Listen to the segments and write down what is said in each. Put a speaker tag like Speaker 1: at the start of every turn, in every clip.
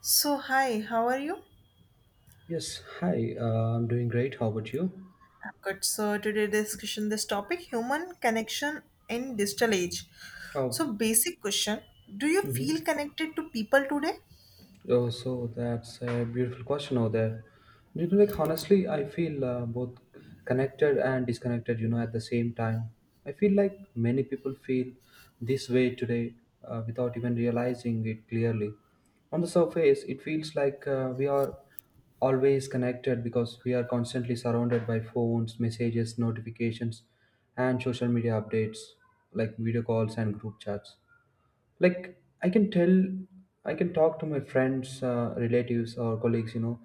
Speaker 1: So, hi, how are you?
Speaker 2: Yes, hi. I'm doing great. How about you?
Speaker 1: I'm good. So, today discussion this topic human connection in digital age.
Speaker 2: Oh,
Speaker 1: So, basic question, do you
Speaker 2: mhm.
Speaker 1: feel connected to people today?
Speaker 2: Oh, so that's a beautiful question over there. Honestly, I feel both connected and disconnected, at the same time. I feel like many people feel this way today without even realizing it clearly. On the surface, it feels like we are always connected because we are constantly surrounded by phones, messages, notifications, and social media updates, like video calls and group chats. Like i can tell i can talk to my friends, relatives, or colleagues,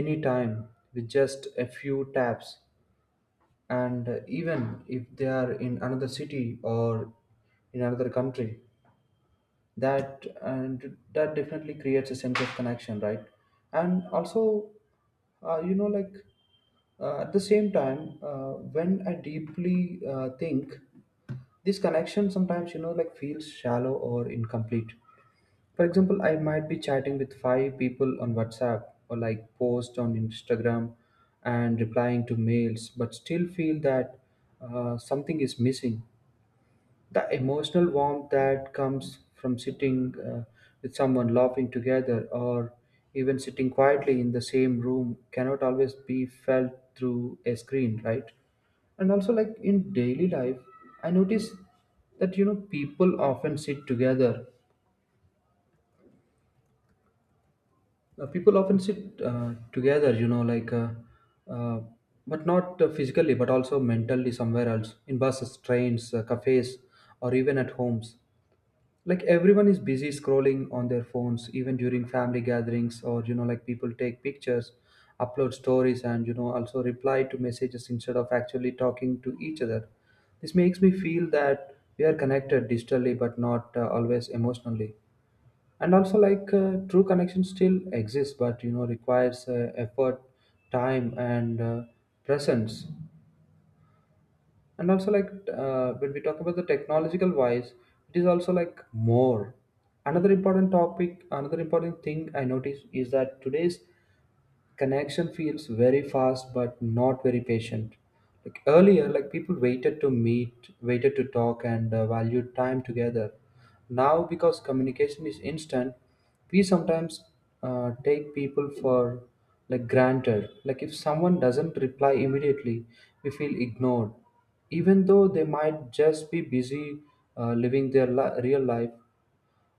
Speaker 2: anytime, with just a few taps, and even if they are in another city or in another country. That definitely creates a sense of connection, right? And also, uh, you know like at the same time, when I deeply think, this connection sometimes, feels shallow or incomplete. For example, I might be chatting with five people on WhatsApp, or like post on Instagram and replying to mails, but still feel that something is missing. The emotional warmth that comes from sitting with someone, laughing together, or even sitting quietly in the same room cannot always be felt through a screen, right? And also, like in daily life, I notice that people often sit together. People often sit together, you know, like, uh, but not physically, but also mentally somewhere else, in buses, trains, cafes, or even at homes. Like, everyone is busy scrolling on their phones, even during family gatherings. Or people take pictures, upload stories, and also reply to messages instead of actually talking to each other. This makes me feel that we are connected digitally, but not always emotionally. And also, like, true connection still exists, but requires effort, time, and presence. And also, like, when we talk about the technological wise, it is also like more. Another important topic, another important thing I notice is that today's connection feels very fast but not very patient. Like, earlier, like, people waited to meet, waited to talk, and valued time together. Now, because communication is instant, we sometimes take people for, like, granted. Like, if someone doesn't reply immediately, we feel ignored, even though they might just be busy living their real life.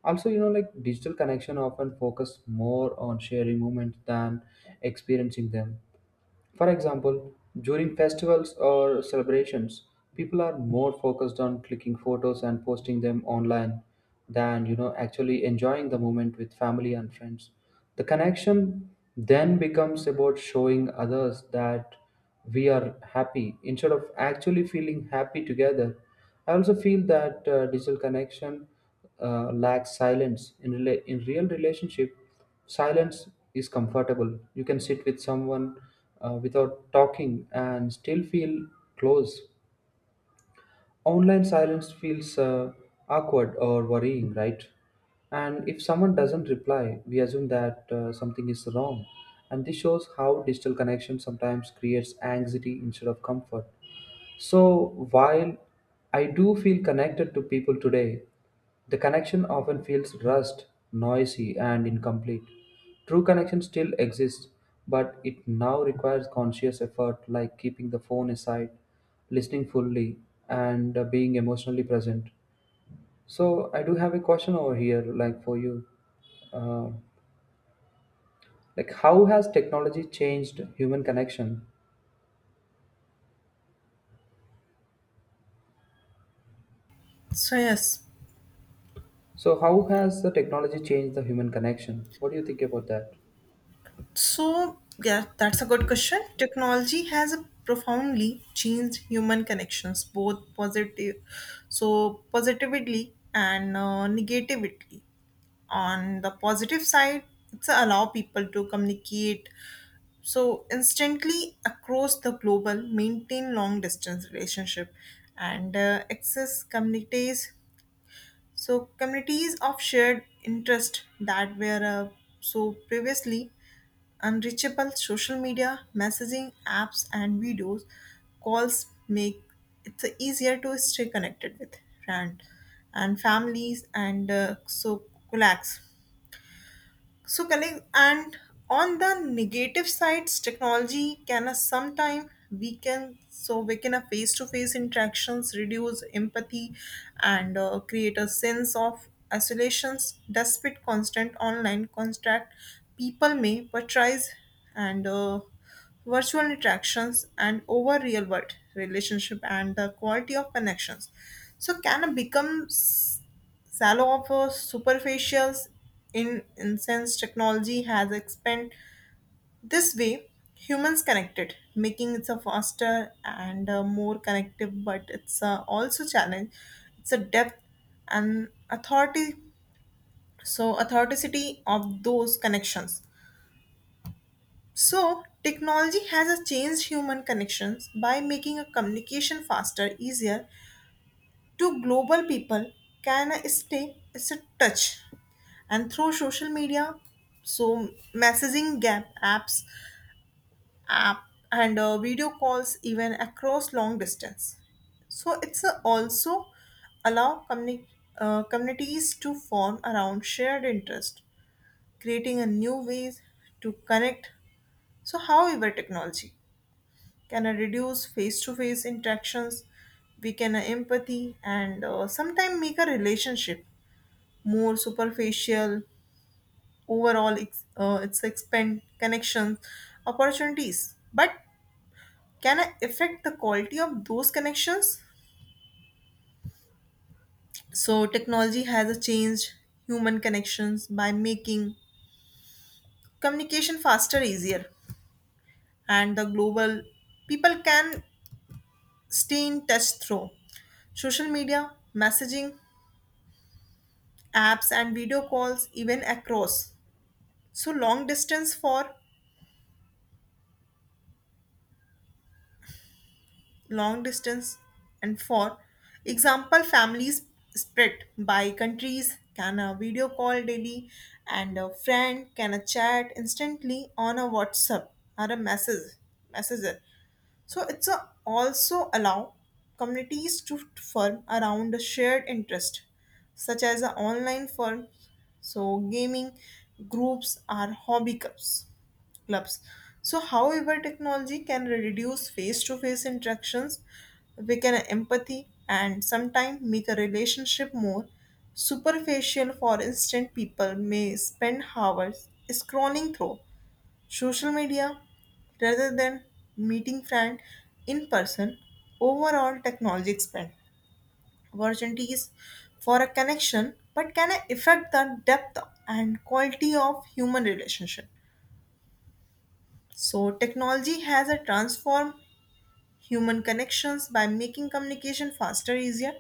Speaker 2: Also, digital connection often focus more on sharing moments than experiencing them. For example, during festivals or celebrations, people are more focused on clicking photos and posting them online than actually enjoying the moment with family and friends. The connection then becomes about showing others that we are happy instead of actually feeling happy together. I also feel that digital connection lacks silence in, in real relationship. Silence is comfortable. You can sit with someone without talking and still feel close. Online silence feels awkward or worrying, right? And if someone doesn't reply, we assume that something is wrong. And this shows how digital connection sometimes creates anxiety instead of comfort. So, while I do feel connected to people today, the connection often feels rushed, noisy, and incomplete. True connection still exists, but it now requires conscious effort, like keeping the phone aside, listening fully, and being emotionally present. So, I do have a question over here, like, for you, uh, like, how has technology changed human connection?
Speaker 1: So, yes.
Speaker 2: So, how has the technology changed the human connection? What do you think about that?
Speaker 1: So, yeah, that's a good question. Technology has profoundly changed human connections, both positive, positively and negatively. On the positive side, it's allow people to communicate instantly across the global, maintain long distance relationship, and access communities, communities of shared interest that were previously unreachable. Social media, messaging apps, and videos calls make it easier to stay connected with friends and families and colleagues, colleagues. And on the negative sides, technology can sometime weaken, weaken a face-to-face interactions, reduce empathy, and create a sense of isolations. Despite constant online contact, people may prioritize and virtual interactions and over real world relationship, and the quality of connections can become shallow offers superficials. In incense, technology has expanded this way humans connected, making it a faster and more connective, but it's also challenge it's a depth and authority, authenticity of those connections. So technology has a changed human connections by making a communication faster, easier to global. People can stay it's a touch and through social media, so messaging gap, apps, app and video calls, even across long distance. So it's a also allow communities to form around shared interest, creating a new ways to connect. So, however, technology can reduce face-to-face interactions, weaken empathy, and sometimes make a relationship more superficial. Overall it's expand connections opportunities, but can I affect the quality of those connections. So technology has changed human connections by making communication faster, easier, and the global. People can stay in touch through social media, messaging apps, and video calls, even across long distance, for long distance. And for example, families split by countries can a video call daily, and a friend can a chat instantly on a whatsapp or a message, messenger. So it's a also allow communities to form around a shared interest, such as a online firm, gaming groups or hobby clubs, clubs. So, however, technology can reduce face to face interactions, weaken empathy, and sometimes make a relationship more superficial. For instance, people may spend hours scrolling through social media rather than meeting friends in person. Overall, technology expands opportunities for a connection, but can affect the depth and quality of human relationship. So technology has a transformed human connections by making communication faster, easier.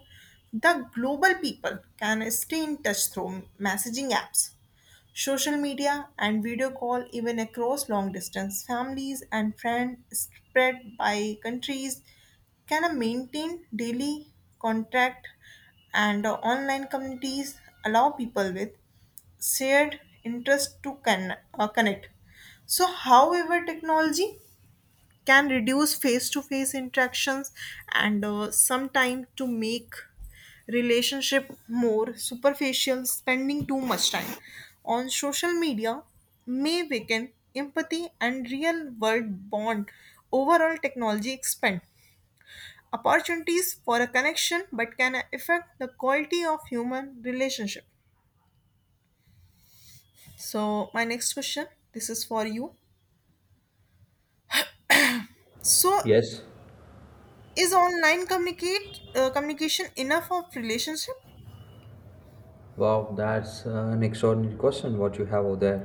Speaker 1: The global people can stay in touch through messaging apps, social media, and video call, even across long distance. Families and friends spread by countries can maintain daily contact and online communities allow people with shared interest to connect. So, however, technology can reduce face-to-face interactions and sometime to make relationship more superficial. Spending too much time on social media may weaken empathy and real world bond. Overall, technology expand opportunities for a connection, but can affect the quality of human relationship. So my next question, this is for you. So,
Speaker 2: Yes.
Speaker 1: is online communicate communication enough of relationship?
Speaker 2: Wow, that's an extraordinary question what you have over there.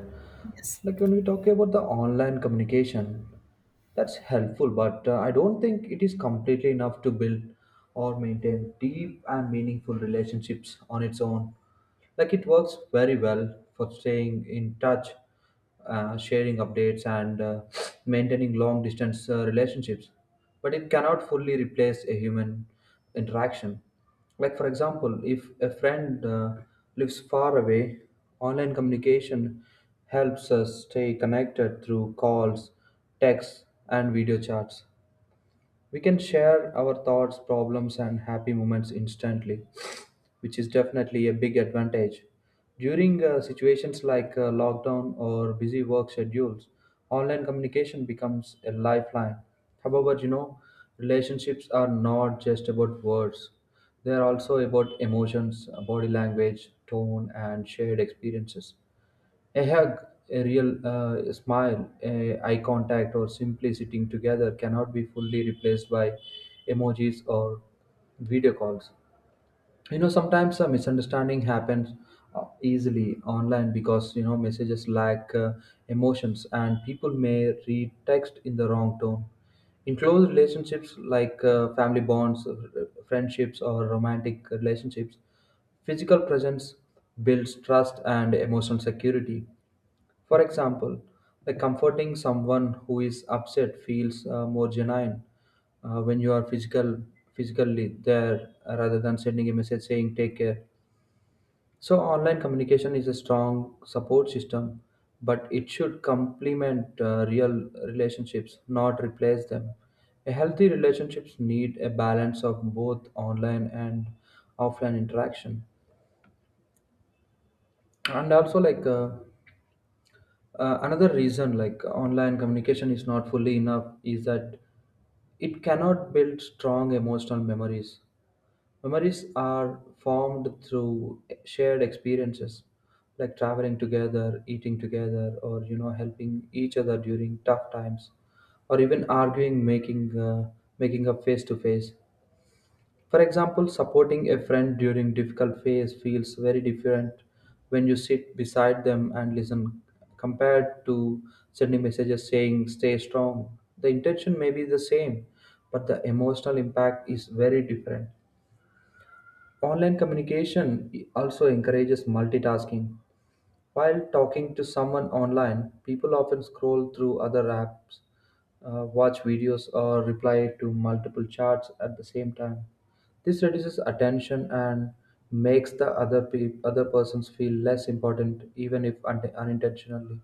Speaker 1: Yes.
Speaker 2: Like, when we talk about the online communication, that's helpful, but I don't think it is completely enough to build or maintain deep and meaningful relationships on its own. Like, it works very well for staying in touch, sharing updates, and maintaining long distance relationships, but it cannot fully replace a human interaction. Like, for example, if a friend lives far away, online communication helps us stay connected through calls, texts, and video chats. We can share our thoughts, problems, and happy moments instantly, which is definitely a big advantage. During situations like lockdown or busy work schedules, online communication becomes a lifeline. However, relationships are not just about words. They are also about emotions, body language, tone, and shared experiences. A hug, a real smile, a eye contact, or simply sitting together cannot be fully replaced by emojis or video calls. You know, sometimes a misunderstanding happens easily online, because messages lack emotions, and people may read text in the wrong tone. In close relationships like family bonds, friendships, or romantic relationships, physical presence builds trust and emotional security. For example, like comforting someone who is upset feels more genuine when you are physically there, rather than sending a message saying take care. So, online communication is a strong support system, but it should complement real relationships, not replace them. A healthy relationships need a balance of both online and offline interaction, and also like. Another reason, like, online communication is not fully enough, is that it cannot build strong emotional memories. Memories are formed through shared experiences, like traveling together, eating together, or helping each other during tough times, or even arguing, making up face to face. For example, supporting a friend during difficult phase feels very different when you sit beside them and listen, compared to sending messages saying stay strong. The intention may be the same, but the emotional impact is very different. Online communication also encourages multitasking. While talking to someone online, people often scroll through other apps, watch videos, or reply to multiple chats at the same time. This reduces attention and makes the other persons feel less important, even if unintentionally.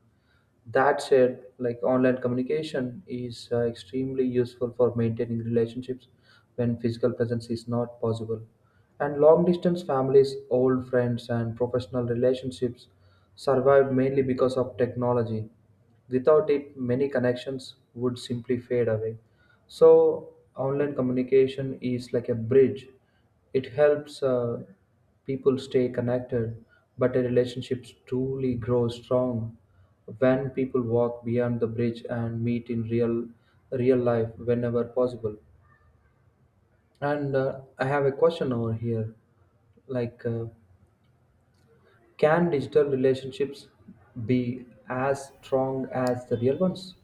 Speaker 2: That said, like, online communication is extremely useful for maintaining relationships when physical presence is not possible. And long distance families, old friends, and professional relationships survived mainly because of technology. Without it, many connections would simply fade away. So, online communication is like a bridge. It helps people stay connected, but a relationship truly grows strong when people walk beyond the bridge and meet in real life whenever possible. And I have a question over here, like, can digital relationships be as strong as the real ones?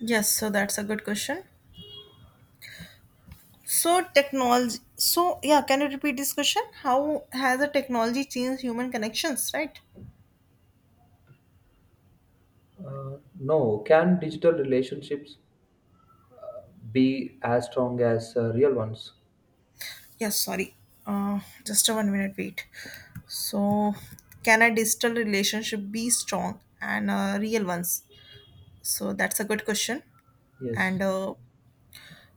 Speaker 1: Yes, so that's a good question. So technology, so yeah, can you repeat this question? How has the technology changed human connections, right?
Speaker 2: No. Can digital relationships be as strong as real ones?
Speaker 1: Yes, sorry. Uh, just a 1 minute wait. So, can a digital relationship be strong and real ones? So that's a good question.
Speaker 2: Yes.
Speaker 1: And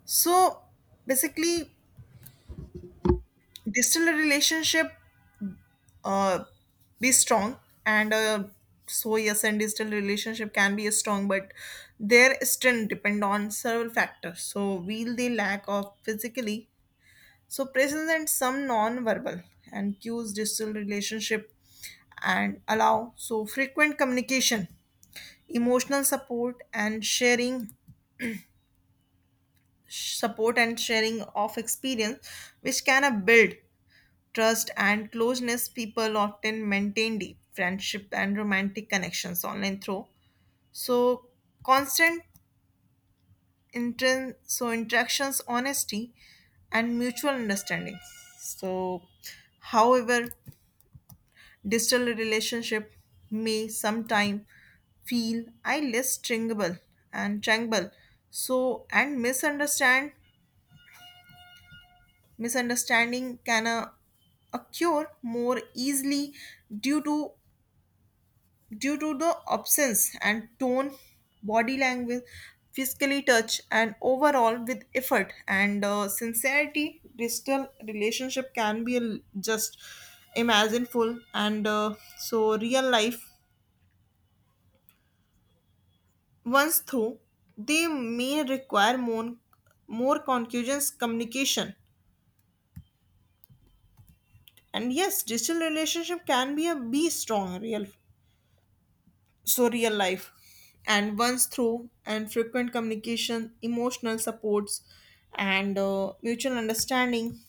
Speaker 1: so basically, digital relationship, uh, be strong and yes, and digital relationship can be strong, but their strength depend on several factors. So will they lack of physically, presence and some non-verbal and cues. Digital relationship and allow frequent communication, emotional support, and sharing, support and sharing of experience, which can build trust and closeness. People often maintain deep friendship and romantic connections online through so constant interactions, honesty, and mutual understanding. So however, digital relationship may sometime feel I less stringable and tangible. So and misunderstanding can occur more easily due to the absence and tone, body language, physically touch, and overall with effort and sincerity, digital relationship can be just imagineful and real life. Once through, they may require more conclusions communication. And yes, digital relationship can be a be strong real, real life, and once through and frequent communication, emotional supports, and mutual understanding.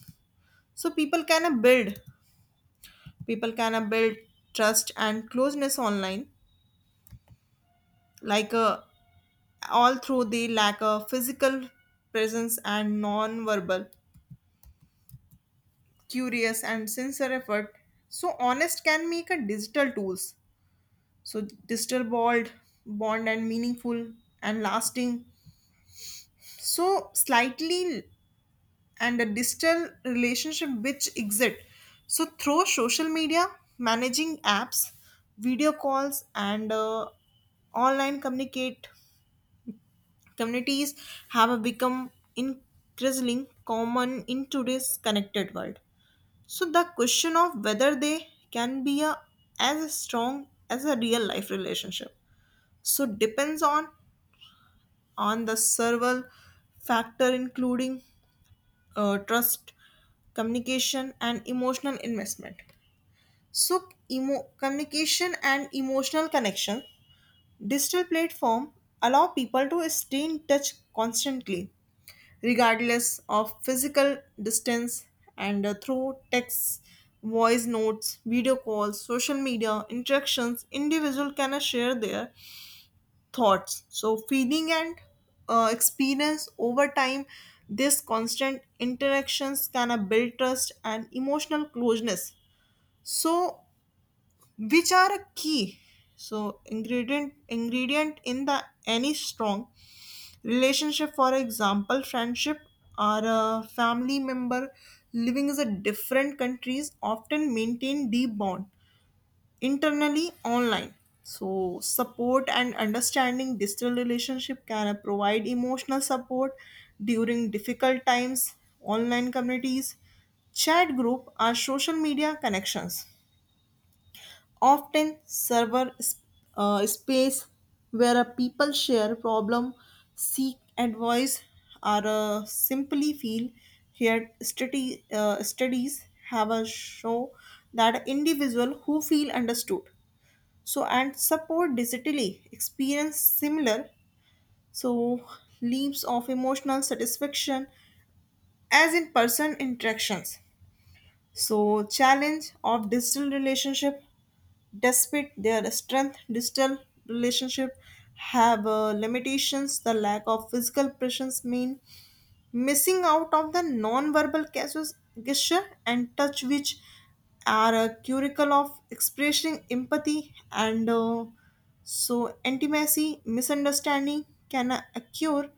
Speaker 1: So people can build trust and closeness online, like all through the lack of physical presence and non-verbal curious and sincere effort. So honest can make a digital tools, digital bond, and meaningful and lasting. So slightly, and a digital relationship which exist through social media, managing apps, video calls, and online communicate communities have become increasingly common in today's connected world. So the question of whether they can be a, as strong as a real life relationship, depends on the several factor, including trust, communication, and emotional investment. So, communication and emotional connection: digital platform allow people to stay in touch constantly, regardless of physical distance, and through texts, voice notes, video calls, social media interactions, individual can share their thoughts. So, feeling and experience over time, this constant interactions can build trust and emotional closeness. So, which are a key? So, ingredient in the any strong relationship, for example, friendship or a family member living in a different countries often maintain deep bond internally online. So, support and understanding: digital relationship can provide emotional support during difficult times. Online communities, chat group are social media connections, often server space where a people share problem, seek advice, or simply feel here. Study, studies have a show that individual who feel understood and support digitally experience similar so leaps of emotional satisfaction as in person interactions. So challenge of digital relationship: despite their strength, digital relationship have limitations. The lack of physical presence mean missing out of the non-verbal gesture and touch, which are a curricle of expressing empathy and intimacy. Misunderstanding can occur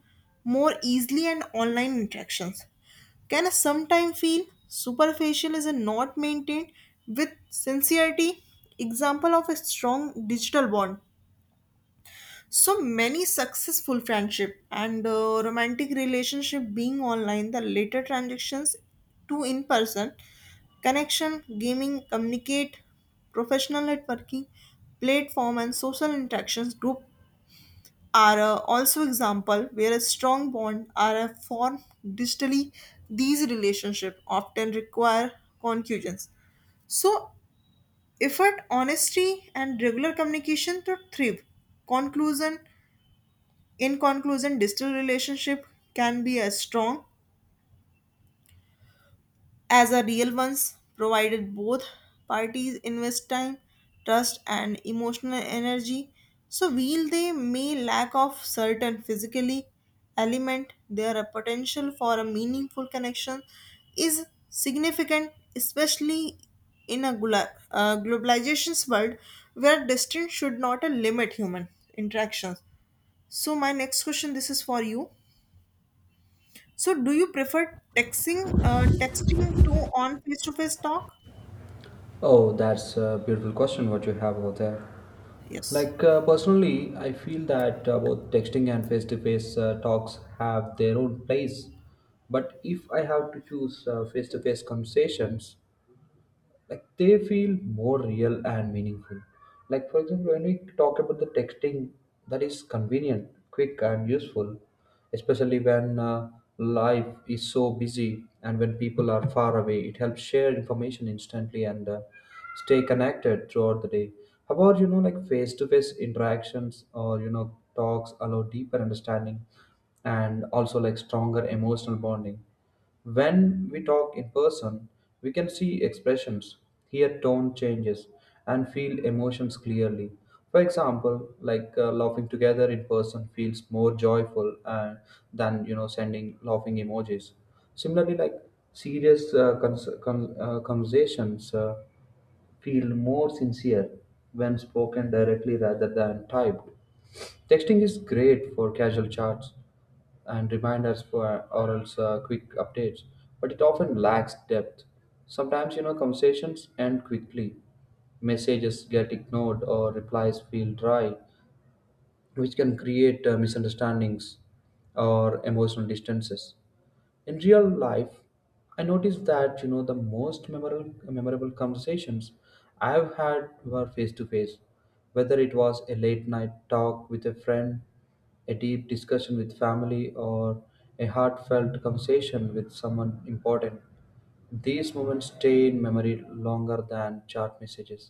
Speaker 1: more easily in online interactions, can sometimes feel superficial is not maintained with sincerity. Example of a strong digital bond: so many successful friendship and romantic relationship being online, the later transactions to in person connection. Gaming communicate, professional networking platform, and social interactions group are also example where a strong bond are formed digitally. These relationship often require conclusions, so effort, honesty, and regular communication to thrive. Conclusion: in conclusion, digital relationship can be as strong as a real ones, provided both parties invest time, trust, and emotional energy. So while they may lack of certain physically element, their potential for a meaningful connection is significant, especially in a globalization's world where distance should not limit human interactions. So my next question, this is for you. So, do you prefer texting, texting to on face-to-face talk?
Speaker 2: Oh, that's a beautiful question what you have over there.
Speaker 1: Yes.
Speaker 2: Like, personally, I feel that both texting and face-to-face talks have their own place. But if I have to choose, face-to-face conversations, like, they feel more real and meaningful. Like, for example, when we talk about the texting, that is convenient, quick, and useful, especially when life is so busy and when people are far away. It helps share information instantly and stay connected throughout the day. How about, face to face interactions, or talks, allow deeper understanding and also, like, stronger emotional bonding. When we talk in person, we can see expressions, hear tone changes, and feel emotions clearly. For example, like laughing together in person feels more joyful than sending laughing emojis. Similarly, like, serious conversations feel more sincere when spoken directly rather than typed. Texting is great for casual chats and reminders for or else quick updates, but it often lacks depth. Sometimes, conversations end quickly, messages get ignored, or replies feel dry, which can create misunderstandings or emotional distances. In real life, I noticed that the most memorable conversations I've had were face to face, whether it was a late night talk with a friend, a deep discussion with family, or a heartfelt conversation with someone important. These moments stay in memory longer than chat messages.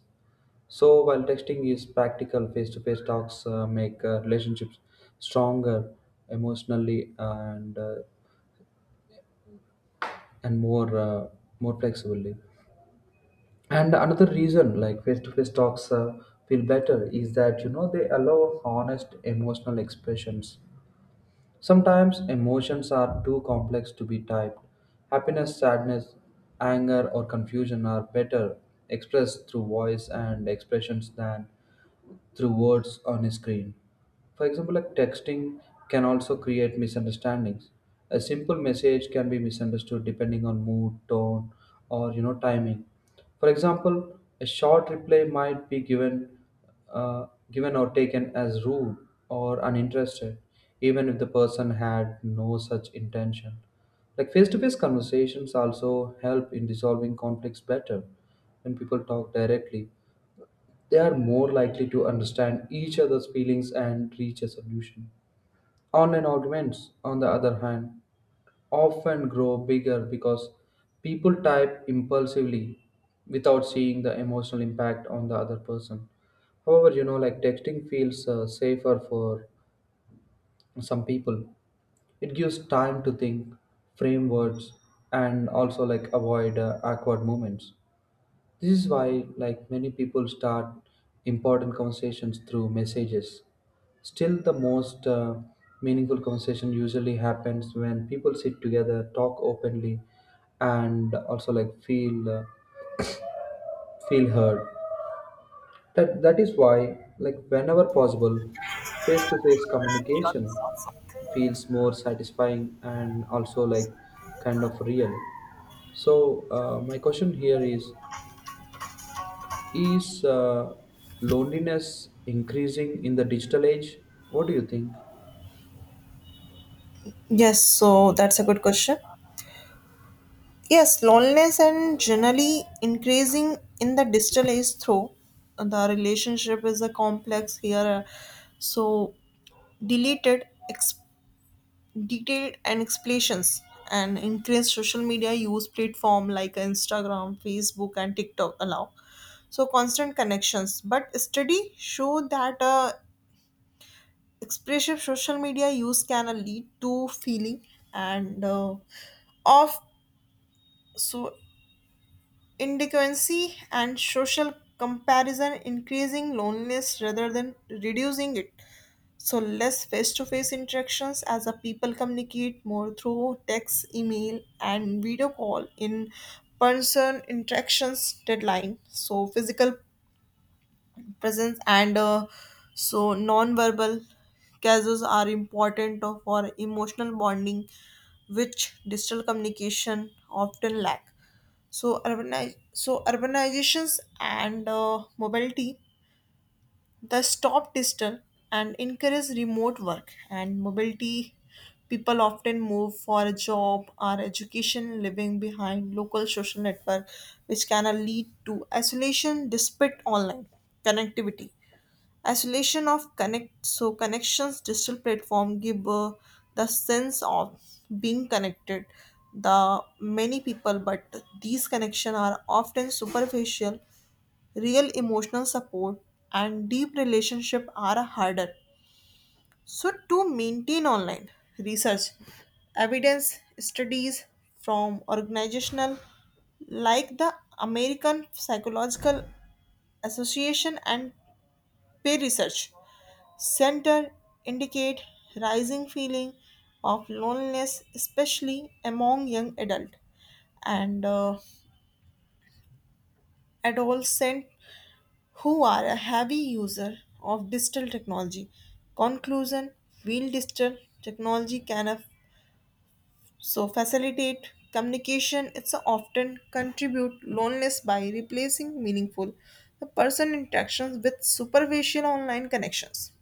Speaker 2: So, while texting is practical, face-to-face talks make relationships stronger emotionally, and more, more flexibly. And another reason, like, face-to-face talks feel better, is that they allow honest emotional expressions. Sometimes emotions are too complex to be typed. Happiness, sadness, anger, or confusion are better expressed through voice and expressions than through words on a screen. For example, like, texting can also create misunderstandings. A simple message can be misunderstood depending on mood, tone, or timing. For example, a short reply might be given or taken as rude or uninterested, even if the person had no such intention. Like, face to face conversations also help in resolving conflicts better. When people talk directly, they are more likely to understand each other's feelings and reach a solution. Online arguments, on the other hand, often grow bigger because people type impulsively without seeing the emotional impact on the other person. However, texting feels safer for some people. It gives time to think, frame words, and also, like, avoid awkward moments. This is why, like, many people start important conversations through messages. Still, the most meaningful conversation usually happens when people sit together, talk openly, and also, like, feel heard. That is why, like, whenever possible, face-to-face communication feels more satisfying and also, like, kind of real. So, my question here is loneliness increasing in the digital age? What do you think?
Speaker 1: Yes, so that's a good question. Yes, loneliness and generally increasing in the digital age through the relationship is a complex here. So deleted, ex- detailed and explanations, and increased social media use platform like Instagram, Facebook, and TikTok allow constant connections. But study show that expressive social media use can lead to feeling and of so inadequacy and social comparison, increasing loneliness rather than reducing it. So less face-to-face interactions, as a people communicate more through text, email, and video call. In person interactions deadline, so physical presence and non-verbal causes are important for emotional bonding, which digital communication often lack. So urbanize so urbanizations and mobility, the stop digital, and encourage remote work and mobility. People often move for a job or education, living behind local social network, which can lead to isolation despite online connectivity. Isolation of connect, connections: digital platform give the sense of being connected the many people, but these connections are often superficial. Real emotional support and deep relationship are harder to maintain online. Research evidence: studies from organizational like the American Psychological Association and peer research Center indicate rising feeling of loneliness, especially among young adult and adolescent, who are a heavy user of digital technology. Conclusion: while digital technology can facilitate communication, it's often contribute loneliness by replacing meaningful person interactions with superficial online connections.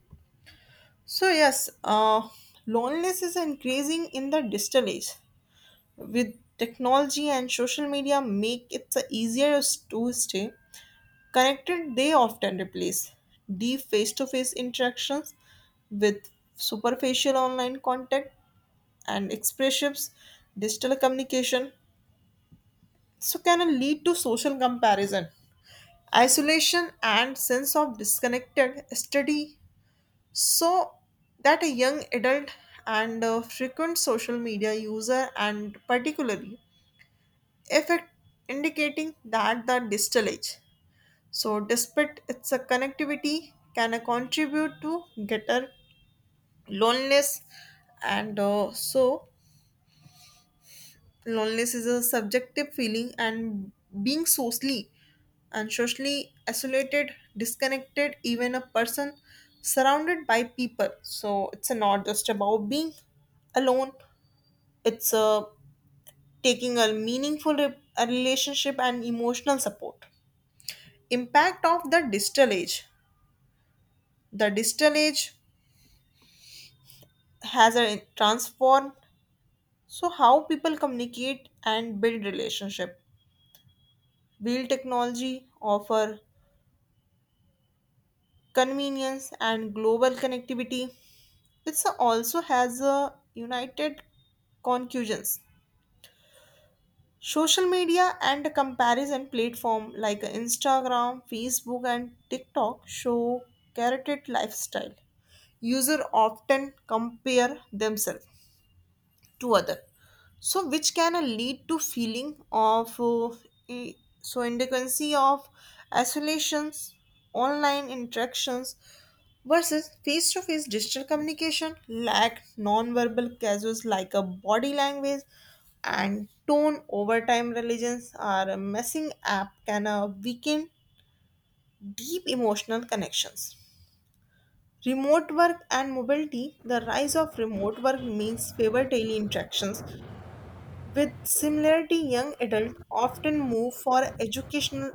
Speaker 1: So yes, loneliness is increasing in the digital age. With technology and social media, make it easier to stay connected. They often replace deep face-to-face interactions with superficial online contact and expressions. Digital communication can lead to social comparison, isolation, and sense of disconnected study so that a young adult and a frequent social media user and particularly effect, indicating that the distal age, despite its a connectivity, can contribute to greater loneliness and loneliness is a subjective feeling, and being socially and socially isolated, disconnected, even a person surrounded by people. So it's not just about being alone, it's taking a meaningful a relationship and emotional support. Impact of the digital age: the digital age has a transform, how people communicate and build relationship. Build technology offer convenience and global connectivity. It also has a united conclusions. Social media and comparison platform like Instagram, Facebook, and TikTok show curated lifestyle. User often compare themselves to other, which can lead to feeling of i- inadequacy of isolations, online interactions versus face to face. Digital communication lack non-verbal casuals like a body language and tone. Over time, religions are a messing app can weaken deep emotional connections. Remote work and mobility: the rise of remote work means favor daily interactions with similarity. Young adult often move for educational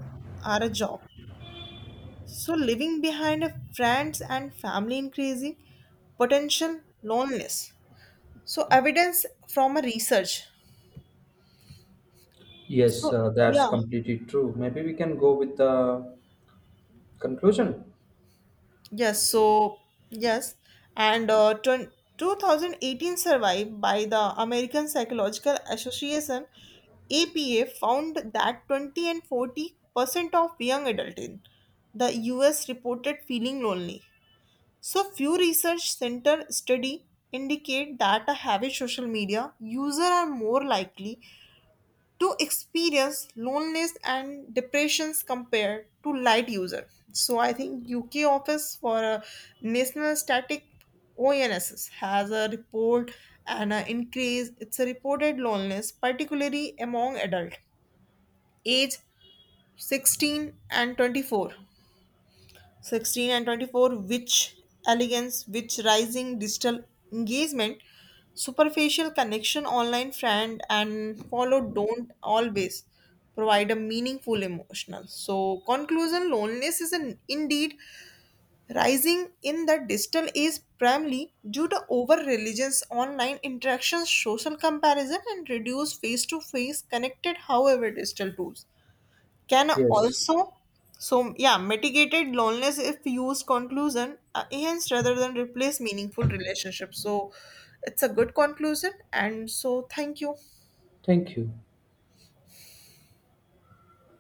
Speaker 1: or a job, living behind a friends and family, increasing potential loneliness. So evidence from a research.
Speaker 2: Yes,
Speaker 1: So
Speaker 2: that's
Speaker 1: yeah,
Speaker 2: completely true. Maybe we can go with the conclusion.
Speaker 1: yes. So yes, and 2018 survey by the American Psychological Association (APA) found that 20 and 40% of young adults in the U.S. reported feeling lonely. So few research center study indicate that a heavy social media user are more likely to experience loneliness and depressions compared to light user. So I think UK office for national static ONSS has a report and an increase. It's a reported loneliness, particularly among adult age 16 and 24, 16 and 24, which elegance, which rising digital engagement. Superficial connection online, friend and follow, don't always provide a meaningful emotional. So conclusion: loneliness is an indeed rising in the digital age, primarily due to over religions online interactions, social comparison, and reduced face to face connected. However, digital tools can
Speaker 2: Yes.
Speaker 1: also, mitigated loneliness if used conclusion, hence, rather than replace meaningful relationships. So it's a good conclusion, and so thank you.
Speaker 2: Thank you.